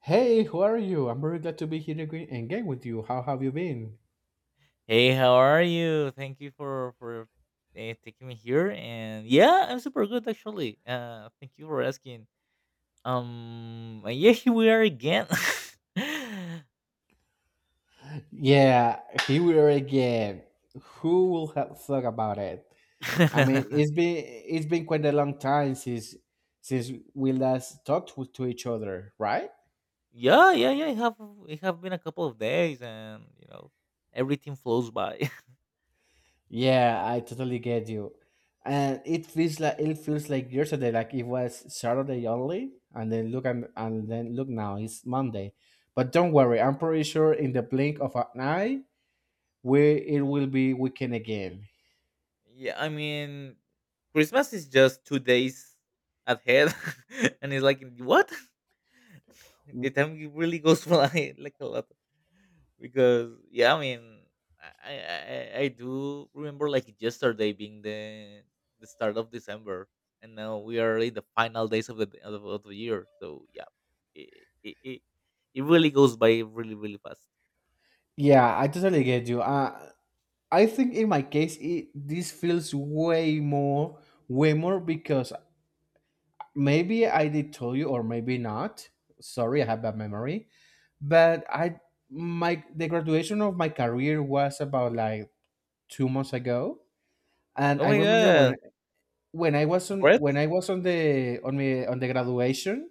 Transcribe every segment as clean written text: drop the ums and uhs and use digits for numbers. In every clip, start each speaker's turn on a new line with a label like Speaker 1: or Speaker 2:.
Speaker 1: Hey, who are you? I'm very glad to be here again with you. How have you been?
Speaker 2: Hey, how are you? Thank you for taking me here. And yeah, I'm super good actually. Thank you for asking. And yeah, here we are again.
Speaker 1: Yeah, here we are again. Who will have thought about it? I mean, it's been quite a long time since we last to each other, right?
Speaker 2: Yeah, yeah, yeah. It have been a couple of days, and you know, everything flows by.
Speaker 1: Yeah, I totally get you. And it feels like yesterday, like it was Saturday only, and then look now, it's Monday. But don't worry, I'm pretty sure in the blink of an eye, where it will be weekend again.
Speaker 2: Yeah, I mean, Christmas is just 2 days ahead, and it's like what? The time it really goes fly like a lot because yeah, I do remember like yesterday being the start of December, and now we are in the final days of the year. So yeah, it, it, it, it really goes by really fast.
Speaker 1: Yeah, I totally get you. I think in my case, this feels way more because maybe I did tell you or maybe not. Sorry, I have bad memory. But my the graduation of my career was about like two months ago, and
Speaker 2: Oh
Speaker 1: I
Speaker 2: my
Speaker 1: remember
Speaker 2: god.
Speaker 1: when
Speaker 2: Congrats.
Speaker 1: I was on the on the on the graduation,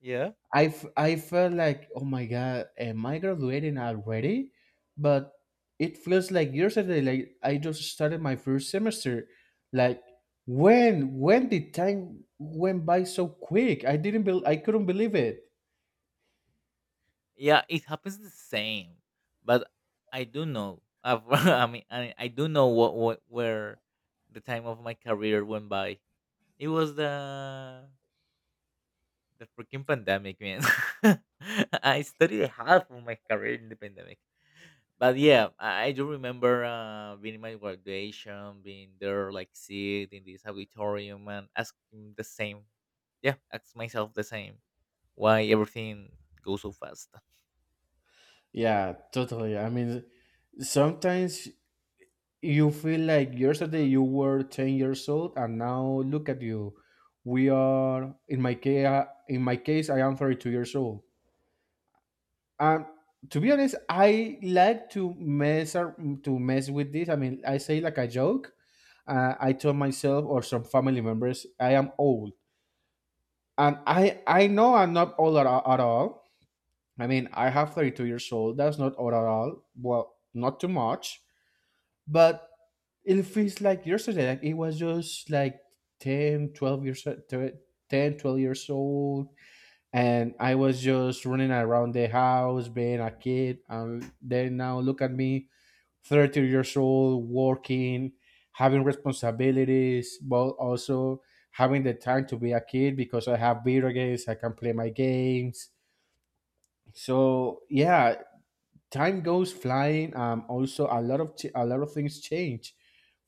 Speaker 2: Yeah.
Speaker 1: I felt like, oh my God, am I graduating already? But it feels like yesterday, like I just started my first semester. Like when did time went by so quick? I couldn't believe it.
Speaker 2: Yeah, it happens the same. But I do know I've, I mean I do know what where the time of my career went by. It was the freaking pandemic, man. I studied half of my career in the pandemic. But yeah, I do remember being in my graduation, being there, like sit in this auditorium and asking the same. Yeah, ask myself the same. Why everything goes so fast?
Speaker 1: Yeah, totally. I mean, sometimes you feel like yesterday you were 10 years old and now look at you. We are in my case, In my case I am 32 years old. Um, to be honest, I like to mess with this. I mean, I say like a joke. I told myself or some family members I am old, and I know I'm not at all. I mean, I have 32 years old. That's not old at all. Well, not too much, but it feels like yesterday. Like it was just like 10, 12 years old and I was just running around the house being a kid. And then now look at me, 30 years old, working, having responsibilities, but also having the time to be a kid because I have video games, I can play my games. So yeah, time goes flying. Also, a lot of things change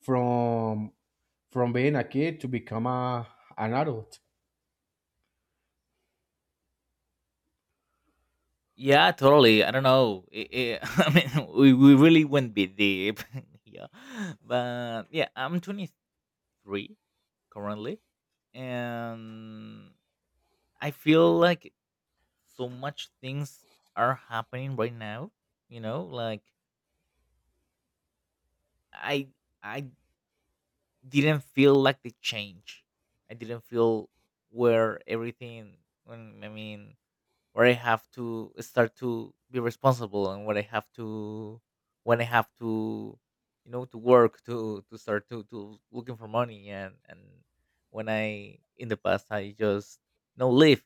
Speaker 1: from from being a kid to become a an adult.
Speaker 2: Yeah, totally. I don't know. It, I mean, we really went bit deep here. But yeah, I'm 23 currently. And I feel like so much things are happening right now. You know, like I I didn't feel like the change. I didn't feel where everything. I mean, where I have to start to be responsible and what I have to when I have to you know to work to start to looking for money and when I in the past I just you know live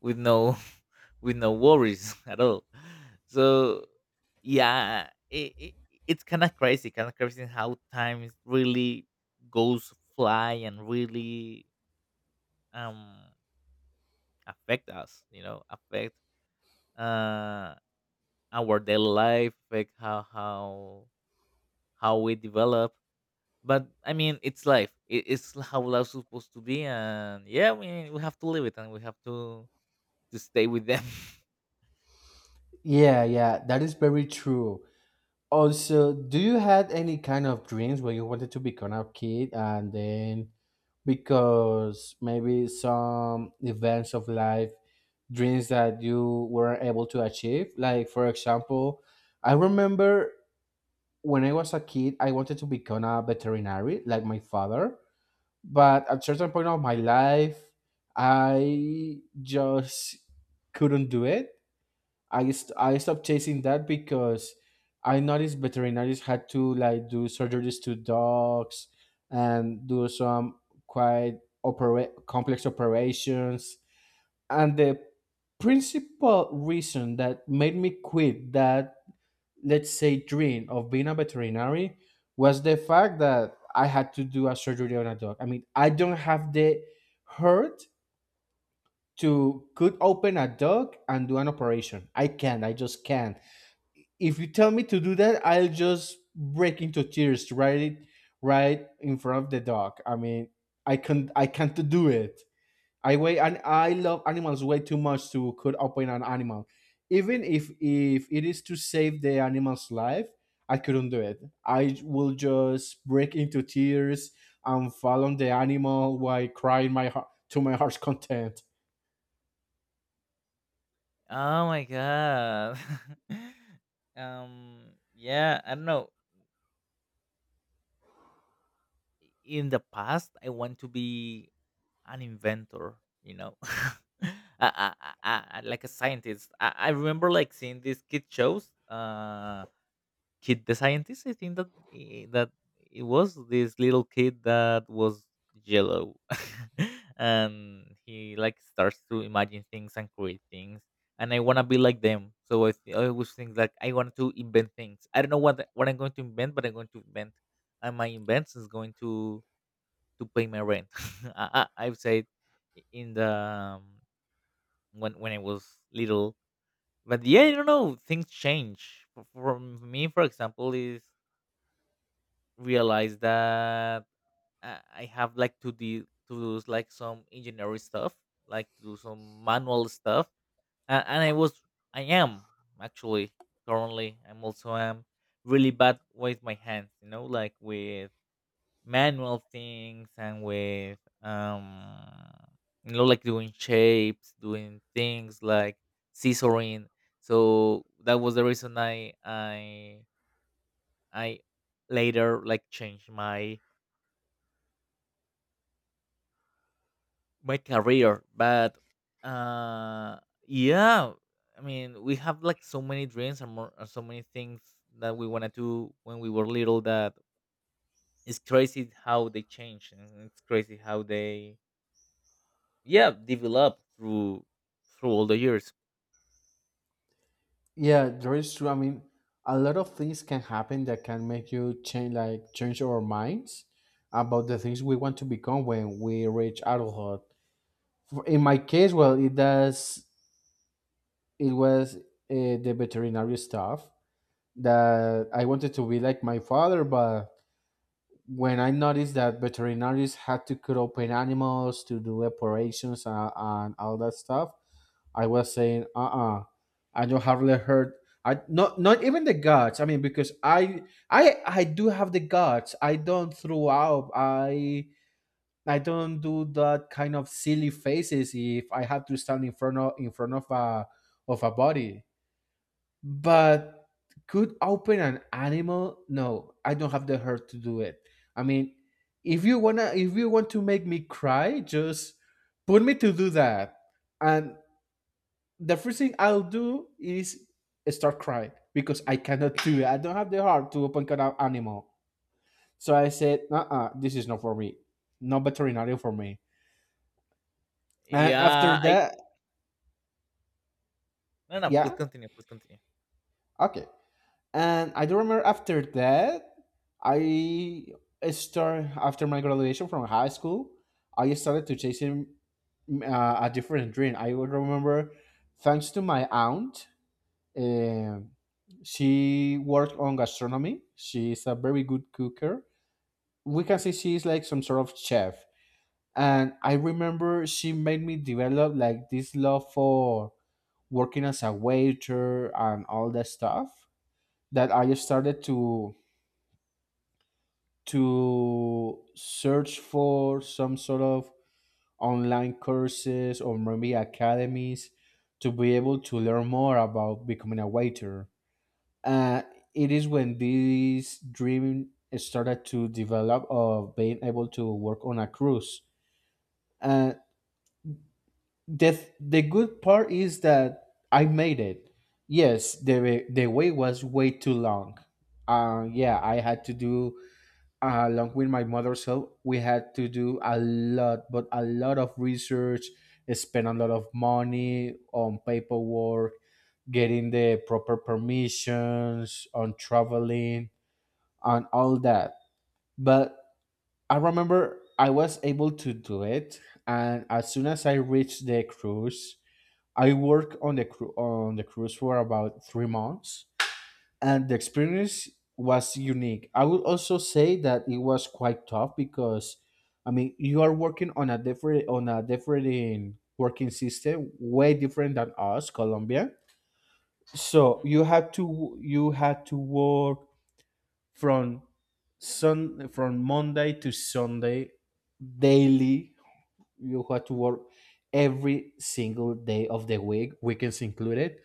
Speaker 2: with no with no worries at all. So yeah, it it's kind of crazy how time is really goes fly and really um affect us, you know, affect uh our daily life, like how we develop. But I mean, it's life. It's how life's supposed to be, and yeah, we have to live it, and we have to stay with them.
Speaker 1: Yeah, yeah, that is very true. Also, do you had any kind of dreams where you wanted to become a kid and then, because maybe some events of life, dreams that you weren't able to achieve? Like, for example, I remember when I was a kid, I wanted to become a veterinary like my father, but at certain point of my life, I just couldn't do it. I stopped chasing that because I noticed veterinarians had to like do surgeries to dogs and do some complex operations. And the principal reason that made me quit that, let's say, dream of being a veterinary was the fact that I had to do a surgery on a dog. I mean, I don't have the heart to could open a dog and do an operation. I can't. I just can't. If you tell me to do that, I'll just break into tears right in front of the dog. I mean, I can't do it. I wait and I love animals way too much to could open an animal. Even if it is to save the animal's life, I couldn't do it. I will just break into tears and fall on the animal while crying my heart's content.
Speaker 2: Oh my god. Yeah, I don't know. In the past, I want to be an inventor. You know. Like a scientist. I remember like seeing these kid shows. Kid the scientist. I think that it was this little kid that was yellow and he like starts to imagine things and create things, and I want to be like them. So I always think like I want to invent things. I don't know what I'm going to invent, but I'm going to invent, and my invent is going to pay my rent. I've said in the when I was little. But yeah, I don't know, things change for me. For example is realized that I have like to do like some engineering stuff, like to do some manual stuff, and I was I am actually currently I'm also am really bad with my hands, you know, like with manual things and with you know like doing shapes, doing things like scissoring. So that was the reason I later like changed my career. But uh yeah, I mean, we have like so many dreams and more, and so many things that we want to do when we were little, that it's crazy how they change and it's crazy how they yeah develop through all the years.
Speaker 1: Yeah, that is true. I mean, a lot of things can happen that can make you change, like change our minds about the things we want to become when we reach adulthood. In my case, well, it does. It was the veterinary stuff that I wanted to be like my father, but when I noticed that veterinarians had to cut open animals to do operations and all that stuff, I was saying, I don't hardly heard. I not even the guts. I mean, because I do have the guts. I don't throw up. I don't do that kind of silly faces if I have to stand in front of a body but could open an animal? No, I don't have the heart to do it. I mean, if you want to make me cry, just put me to do that, and the first thing I'll do is start crying, because I cannot do it. I don't have the heart to open an animal. So I said, uh-uh, this is not for me. No veterinarian for me. And after
Speaker 2: Yeah. I.
Speaker 1: that,
Speaker 2: No, no,
Speaker 1: yeah,
Speaker 2: please continue, please continue.
Speaker 1: okay. And I do remember after that, I start after my graduation from high school, I started to chasing a different dream. I would remember, thanks to my aunt, um she worked on gastronomy. She's a very good cooker. We can say she's like some sort of chef. And I remember she made me develop like this love for working as a waiter and all that stuff, that I started to search for some sort of online courses or maybe academies to be able to learn more about becoming a waiter. Uh, it is when this dream started to develop of being able to work on a cruise. Uh, the good part is that I made it. Yes, the wait was way too long. Yeah, I had to do, along with my mother's help, we had to do a lot, but a lot of research, spend a lot of money on paperwork, getting the proper permissions, on traveling, and all that. But I remember I was able to do it, and as soon as I reached the cruise, I worked on the cruise for about three months, and the experience was unique. I would also say that it was quite tough because, I mean, you are working on a different working system, way different than us, Colombia. So
Speaker 2: Mhm.
Speaker 1: you had to work from from Monday to Sunday daily. You had to work every single day of the week, weekends included,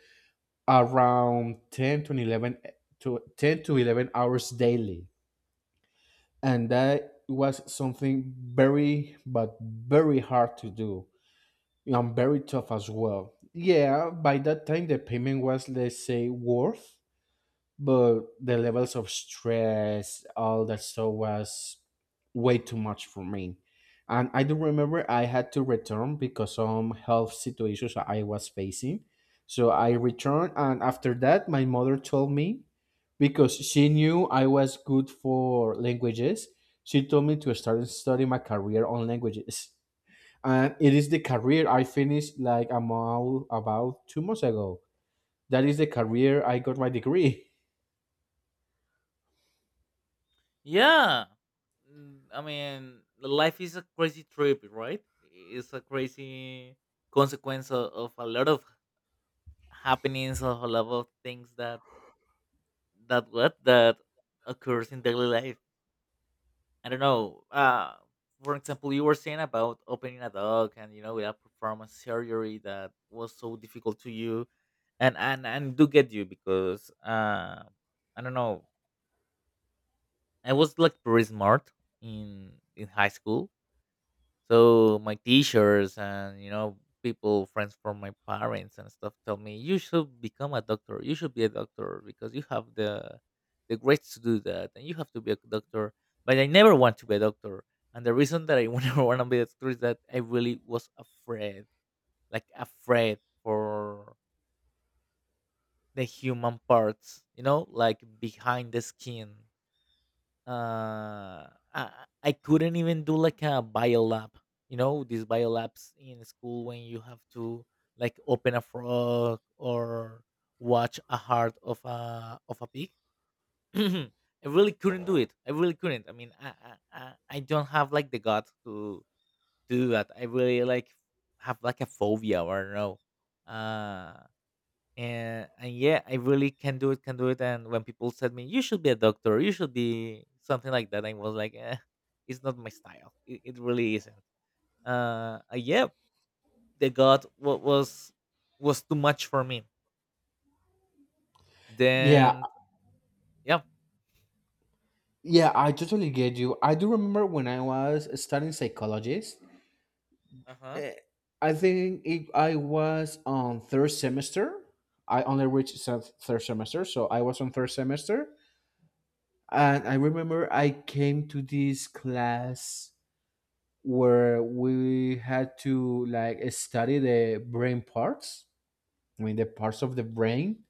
Speaker 1: around 10 to 11 hours daily, and that was something very but very hard to do and very tough as well. Yeah, by that time the payment was, let's say, worth, but the levels of stress, all that stuff was way too much for me. And I do remember I had to return because some health situations I was facing. So I returned, and after that, my mother told me, because she knew I was good for languages, she told me to start studying my career on languages, and it is the career I finished like about two months ago. That is the career I got my degree.
Speaker 2: Yeah. Mm, I mean, life is a crazy trip, right? It's a crazy consequence of a lot of happenings, of a lot of things that that what that occurs in daily life. I don't know. For example, you were saying about opening a dog, and you know, we have performance surgery that was so difficult to you, and do get you. Because I don't know, I was like pretty smart in high school, so my teachers and you know people, friends from my parents and stuff, tell me you should become a doctor. You should be a doctor because you have the grades to do that, and you have to be a doctor. But I never want to be a doctor, and the reason that I never want to be a doctor is that I really was afraid, like afraid for the human parts, you know, like behind the skin. uh I couldn't even do like a bio lab. You know these bio labs in school when you have to like open a frog or watch a heart of a pig. I really couldn't do it, I really couldn't. I mean, I don't have like the guts to do that. I really like have like a phobia or no. uh and and Yeah, I really can do it. And when people said me you should be a doctor, you should be something like that, I was like it's not my style. It really isn't. Yeah, the god what was too much for me
Speaker 1: Yeah,
Speaker 2: then. Yeah.
Speaker 1: yeah, I totally get you. I do remember when I was studying psychologist.
Speaker 2: Uh-huh.
Speaker 1: eh, I was on third semester. I only reached se- third semester, so I was on third semester. And I remember I came to this class where we had to like study the brain parts, I mean the parts of the brain.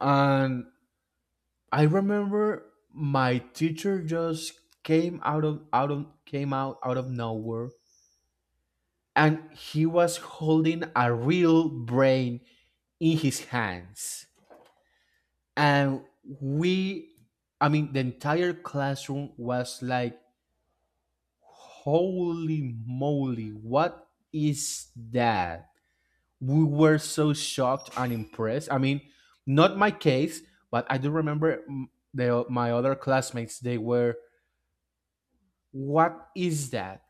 Speaker 1: And I remember my teacher just came out out of nowhere, and he was holding a real brain in his hands. And we, I mean, the entire classroom was like, holy moly, what is that? We were so shocked and impressed. I mean, not my case, but I do remember my other classmates, they were, what is that?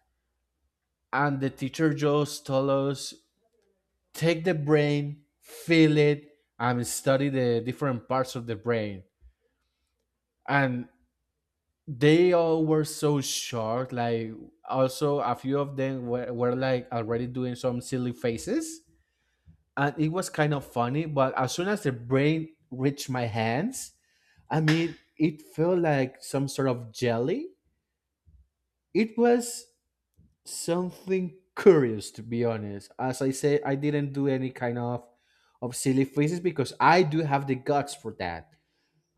Speaker 1: And the teacher just told us, take the brain, feel it, and study the different parts of the brain. And they all were so short. Like, also, a few of them were like already doing some silly faces. And it was kind of funny. But as soon as the brain reached my hands, I mean, it felt like some sort of jelly. It was something curious, to be honest. As I said, I didn't do any kind of silly faces because I do have the guts for that.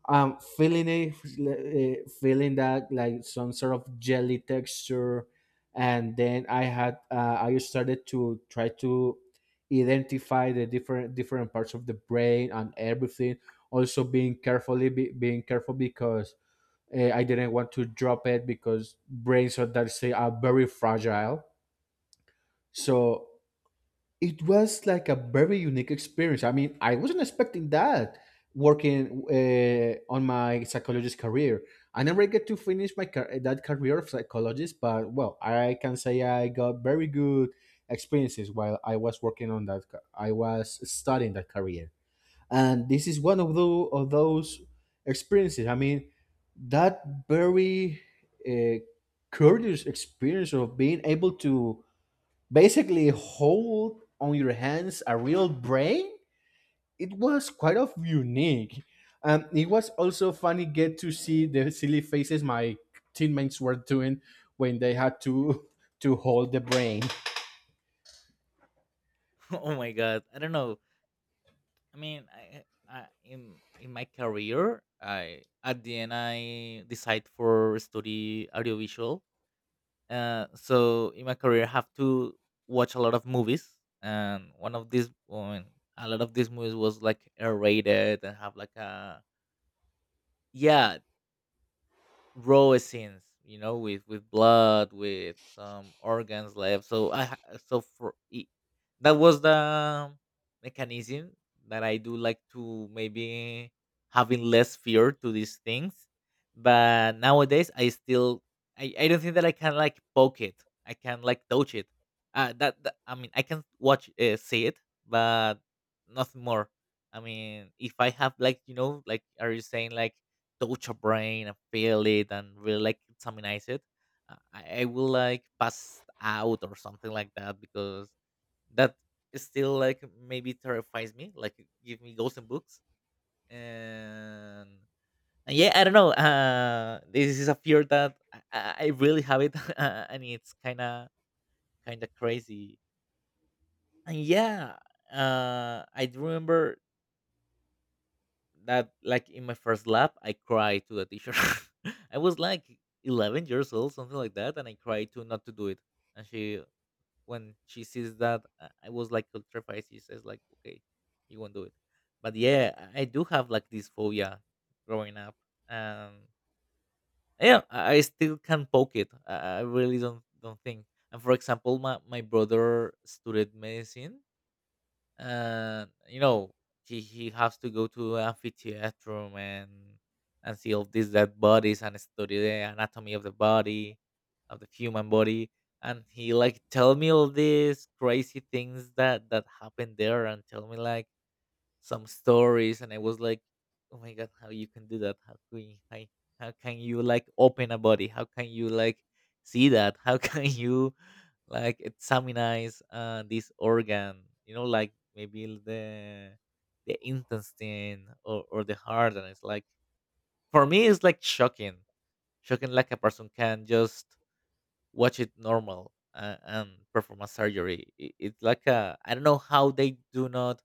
Speaker 1: Feeling feeling that like some sort of jelly texture, and then I started to try to identify the different parts of the brain and everything, also being carefully being careful because I didn't want to drop it because brains, are that say, are very fragile. So it was like a very unique experience. I mean, I wasn't expecting that working on my psychologist career. I never get to finish my that career of psychologist, but well, I can say I got very good experiences while I was working on that. I was studying that career, and this is one of those experiences. I mean, that very uh, curious experience of being able to basically hold on your hands a real brain, it was quite of unique. It was also funny get to see the silly faces my teammates were doing when they had to to hold the brain.
Speaker 2: Oh my god. I don't know. i mean i I, in my career, I at the end I decide for study audiovisual. So in my career, I have to watch a lot of movies, and one of these, well, a lot of these movies was like R-rated and have like a yeah raw scenes, you know, with blood, with some organs left. So so for it, that was the mechanism that I do like to maybe having less fear to these things. But nowadays I still I don't think that I can like poke it, I can like touch it. That I mean I can watch see it, but nothing more. I mean, if I have like, you know, like are you saying like touch a brain and feel it and really like examinize it, I will like pass out or something like that, because that is still like maybe terrifies me. Like give me ghosts and books and. And yeah, I don't know. This is a fear that I I really have it, and it's kind of crazy. And yeah, I do remember that like in my first lap I cried to the teacher. I was like 11 years old something like that, and I cried to not to do it. And she when she sees that I was like terrified, she says like okay, you won't do it. But yeah, I do have like this phobia growing up. um yeah, I still can poke it, I really don't think. And for example my brother studied medicine, and you know he has to go to amphitheater and see all these dead bodies and study the anatomy of the body of the human body. And he like tell me all these crazy things that that happened there and tell me like some stories, and I was like oh my god how you can do that, how can you like open a body, how can you like see that how can you like examine this organ, you know, like maybe the intestine or the heart. And it's like for me it's like shocking, shocking, like a person can just watch it normal and perform a surgery. It's like a I don't know how they do not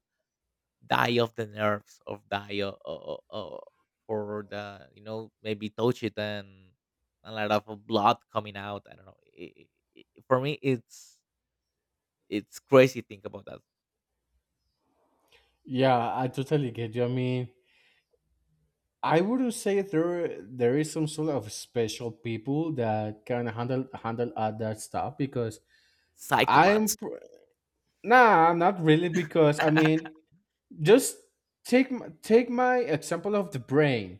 Speaker 2: die of the nerves of die o- o- o- o- for the you know maybe touch it and a lot of blood coming out. I don't know. For me it's crazy think about that.
Speaker 1: Yeah, I totally get you. I mean, I wouldn't say there is some sort of special people that can handle all that stuff because i'm
Speaker 2: Psychopaths.
Speaker 1: pr- nah, I'm not really, because I mean just take my example of the brain,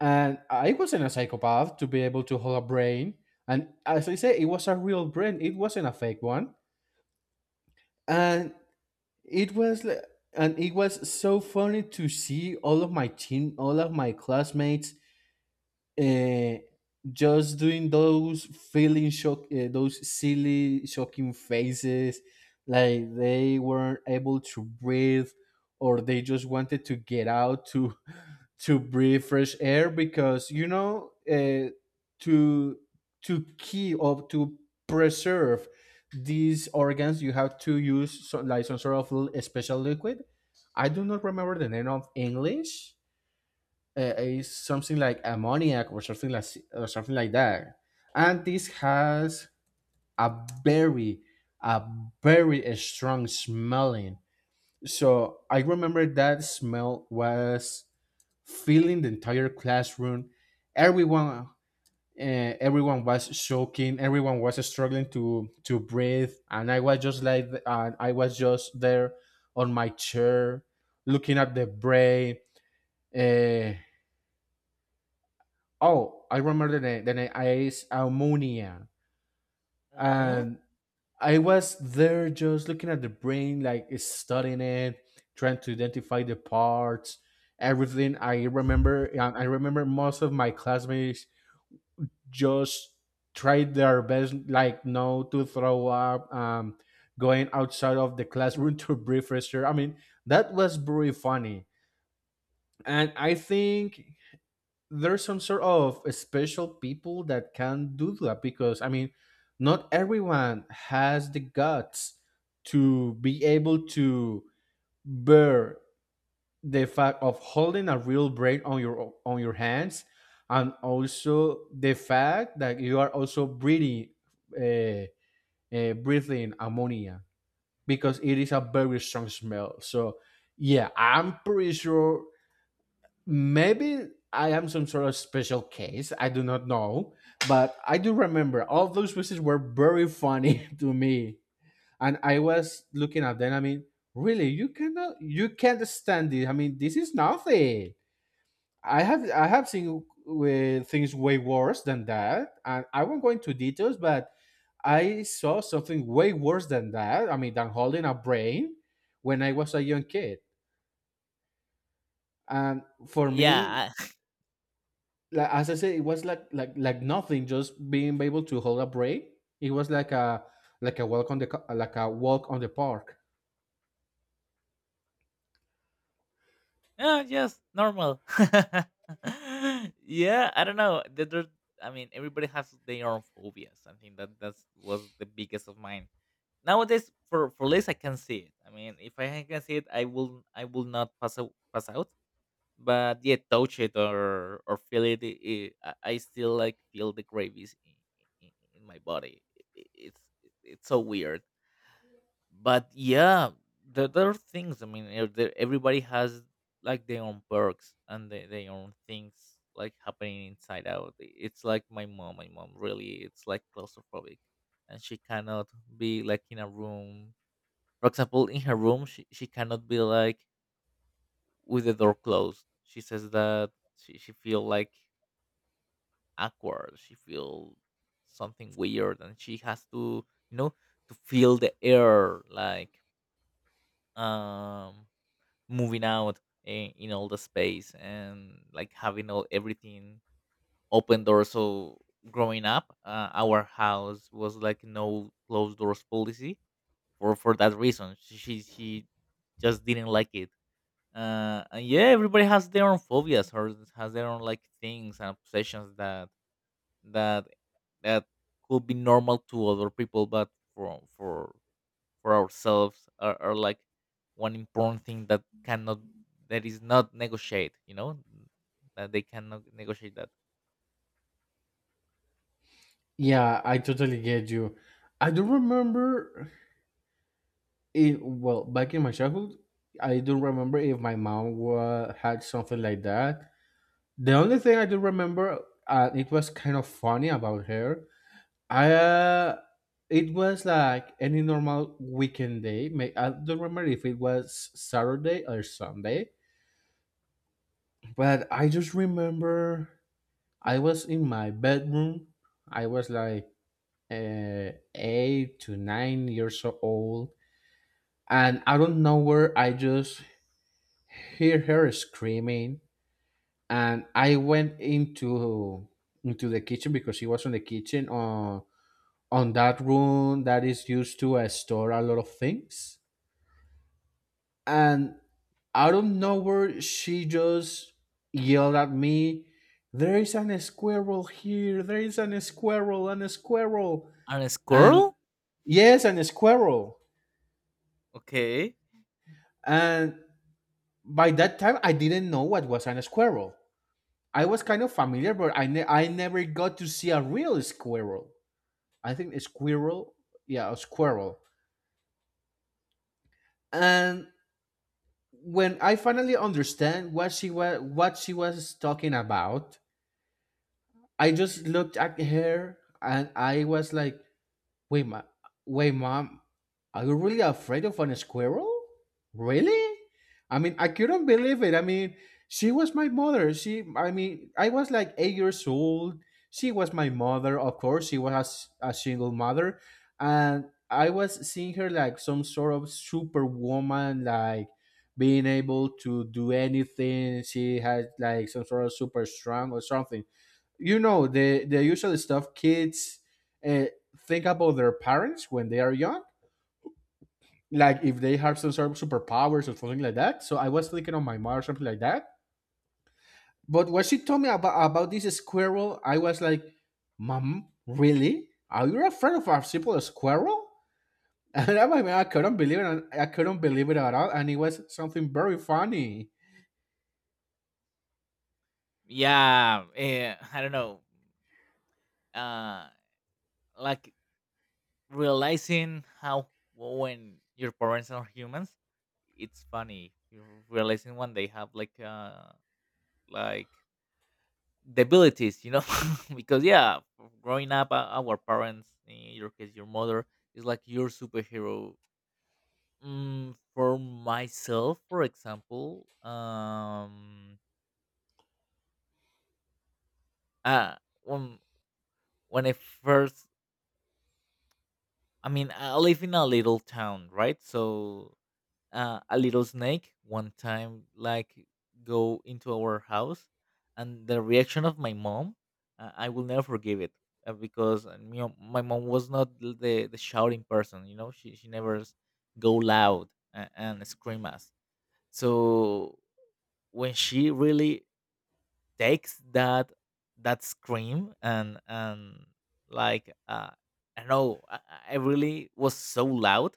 Speaker 1: and I wasn't a psychopath to be able to hold a brain. And as I say, it was a real brain, it wasn't a fake one. and it was li- and it was so funny to see all of my team, all of my classmates, uh, just doing those feeling shock, those silly, shocking faces, like they weren't able to breathe, or they just wanted to get out to to breathe fresh air because you know, to to keep or to preserve these organs, you have to use some, like some sort of special liquid. I do not remember the name of English. Is something like ammoniac or something like, or something like that. And this has a very, a very strong smelling. So I remember that smell was filling the entire classroom. Everyone, everyone was choking, everyone was struggling to breathe, and I was just like, and I was just there on my chair looking at the brain uh, Oh, I remember the name. The name is Ammonia,
Speaker 2: Hmm.
Speaker 1: and I was there just looking at the brain, like studying it, trying to identify the parts, everything. I remember. And I remember most of my classmates just tried their best, like no to throw up, going outside of the classroom to breathe fresh air. I mean, that was very funny, and I think there's some sort of special people that can do that, because I mean, not everyone has the guts to be able to bear the fact of holding a real brain on your hands, and also the fact that you are also breathing, uh, breathing ammonia, because it is a very strong smell. So yeah, I'm pretty sure. Maybe I am some sort of special case. I do not know, but I do remember all those wishes were very funny to me, and I was looking at them. I mean, really, you cannot, you can't stand it. I mean, this is nothing. I have seen with things way worse than that, and I won't go into details, but I saw something way worse than that. I mean, than holding a brain when I was a young kid. And for me,
Speaker 2: Yeah.
Speaker 1: like as I said, it was like nothing. Just being able to hold a break. It was like a walk on the co- like a walk on the park.
Speaker 2: Yeah, just normal. Yeah, I don't know. I mean, everybody has their own phobias. I think that that's was the biggest of mine. Nowadays for less I can see it. I mean, if I can see it, I will not pass out. But yeah, touch it or feel it, I still like feel the gravies in my body. It's so weird. But yeah, there are things. I mean, everybody has like their own perks and their own things like happening inside out. It's like my mom. My mom really, it's like claustrophobic, and she cannot be like in a room. For example, in her room, she cannot be like with the door closed. She says that she feel like awkward. She feel something weird, and she has to you know to feel the air like um moving out in all the space and like having all everything open door. So growing up, our house was like no closed doors policy for that reason. She just didn't like it. And yeah, everybody has their own phobias or has their own like things and obsessions that that that could be normal to other people, but for ourselves are like one important thing that cannot that is not negotiate, you know, that they cannot negotiate that.
Speaker 1: Yeah, I totally get you. I do remember it well back in my childhood. I do remember if my mom had something like that. The only thing I do remember, it was kind of funny about her. I It was like any normal weekend day. May I don't remember if it was Saturday or Sunday. But I just remember I was in my bedroom. I was like 8 to 9 years old. And I don't know where I just hear her screaming. And I went into the kitchen because she was in the kitchen on that room that is used to store a lot of things. And out of nowhere, she just yelled at me, there is an squirrel here. There is an squirrel and a squirrel.
Speaker 2: And a
Speaker 1: And
Speaker 2: squirrel.
Speaker 1: yes, an squirrel.
Speaker 2: Okay.
Speaker 1: And by that time, I didn't know what was an squirrel. I was kind of familiar, but I never got to see a real squirrel. I think a squirrel, yeah, a squirrel. And when I finally understand what she was talking about, I just looked at her and I was like, wait, ma- wait, mom, are you really afraid of a squirrel? Really? I mean, I couldn't believe it. I mean, she was my mother. She, I mean, I was like 8 years old. She was my mother. Of course, she was a single mother. And I was seeing her like some sort of superwoman, like being able to do anything. She had like some sort of super strong or something, you know, the usual stuff kids uh, think about their parents when they are young, like if they have some sort of superpowers or something like that, so I was thinking of my mom or something like that. But when she told me about this squirrel, I was like, mom, really, are you afraid of a simple squirrel? And I mean, I couldn't believe it, and I couldn't believe it at all, and it was something very funny.
Speaker 2: Yeah. I don't know, uh like realizing how, well, when your parents are humans, it's funny. You're realizing when they have like like the abilities, you know, because yeah, growing up, our parents, in your case, your mother, is like your superhero. Mm, for myself, for example, uh, when when I first, I mean, I live in a little town, right? So a little snake one time like go into our house, and the reaction of my mom, I will never forgive it. Because you know, my mom was not the shouting person, you know, she never go loud and scream us. So when she really takes that that scream and like I don't know, I, I really was so loud,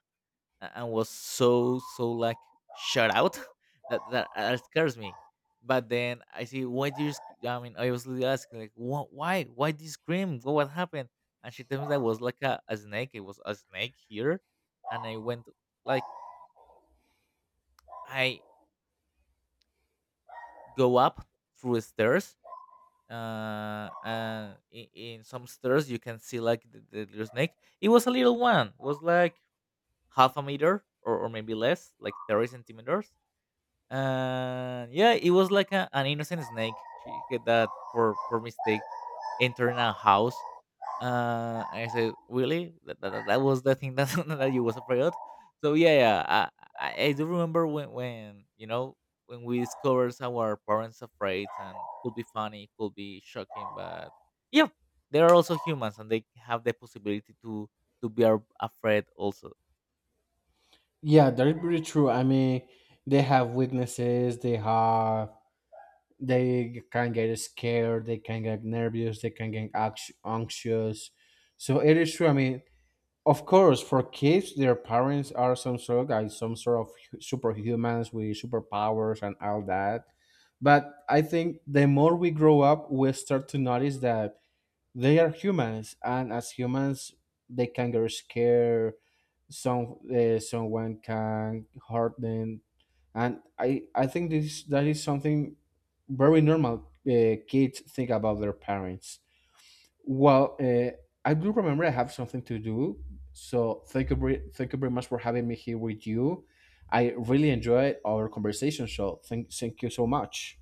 Speaker 2: and was so so like shut out that that, that scares me. But then I see why do you I mean I was really asking like "Wh- why did you scream, what happened?" And she tells me that was like a snake. It was a snake here. And I went like I go up through the stairs, and in some stairs you can see like the little snake. It was a little one, it was like half a meter or maybe less, like 30 centimeters. And yeah, it was like an innocent snake she, that for mistake entered a house. And I said, really? That that was the thing that that you was afraid of. So yeah, yeah, I I do remember when you know when we discovered our parents afraid, and could be funny, could be shocking, but yeah, they are also humans, and they have the possibility to be afraid also.
Speaker 1: Yeah, that is pretty true. I mean, they have weaknesses, they have, they can get scared, they can get nervous, they can get anxious. So it is true. I mean, of course for kids their parents are some sort of guys, some sort of superhumans with superpowers and all that. But I think the more we grow up, we start to notice that they are humans, and as humans they can get scared, some, someone can hurt them. And I think this, that is something very normal kids think about their parents. Well, I do remember I have something to do, so thank you very much for having me here with you. I really enjoyed our conversation, so thank, thank you so much.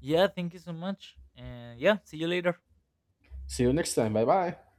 Speaker 2: Yeah, thank you so much, and yeah, see you later.
Speaker 1: See you next time, bye bye.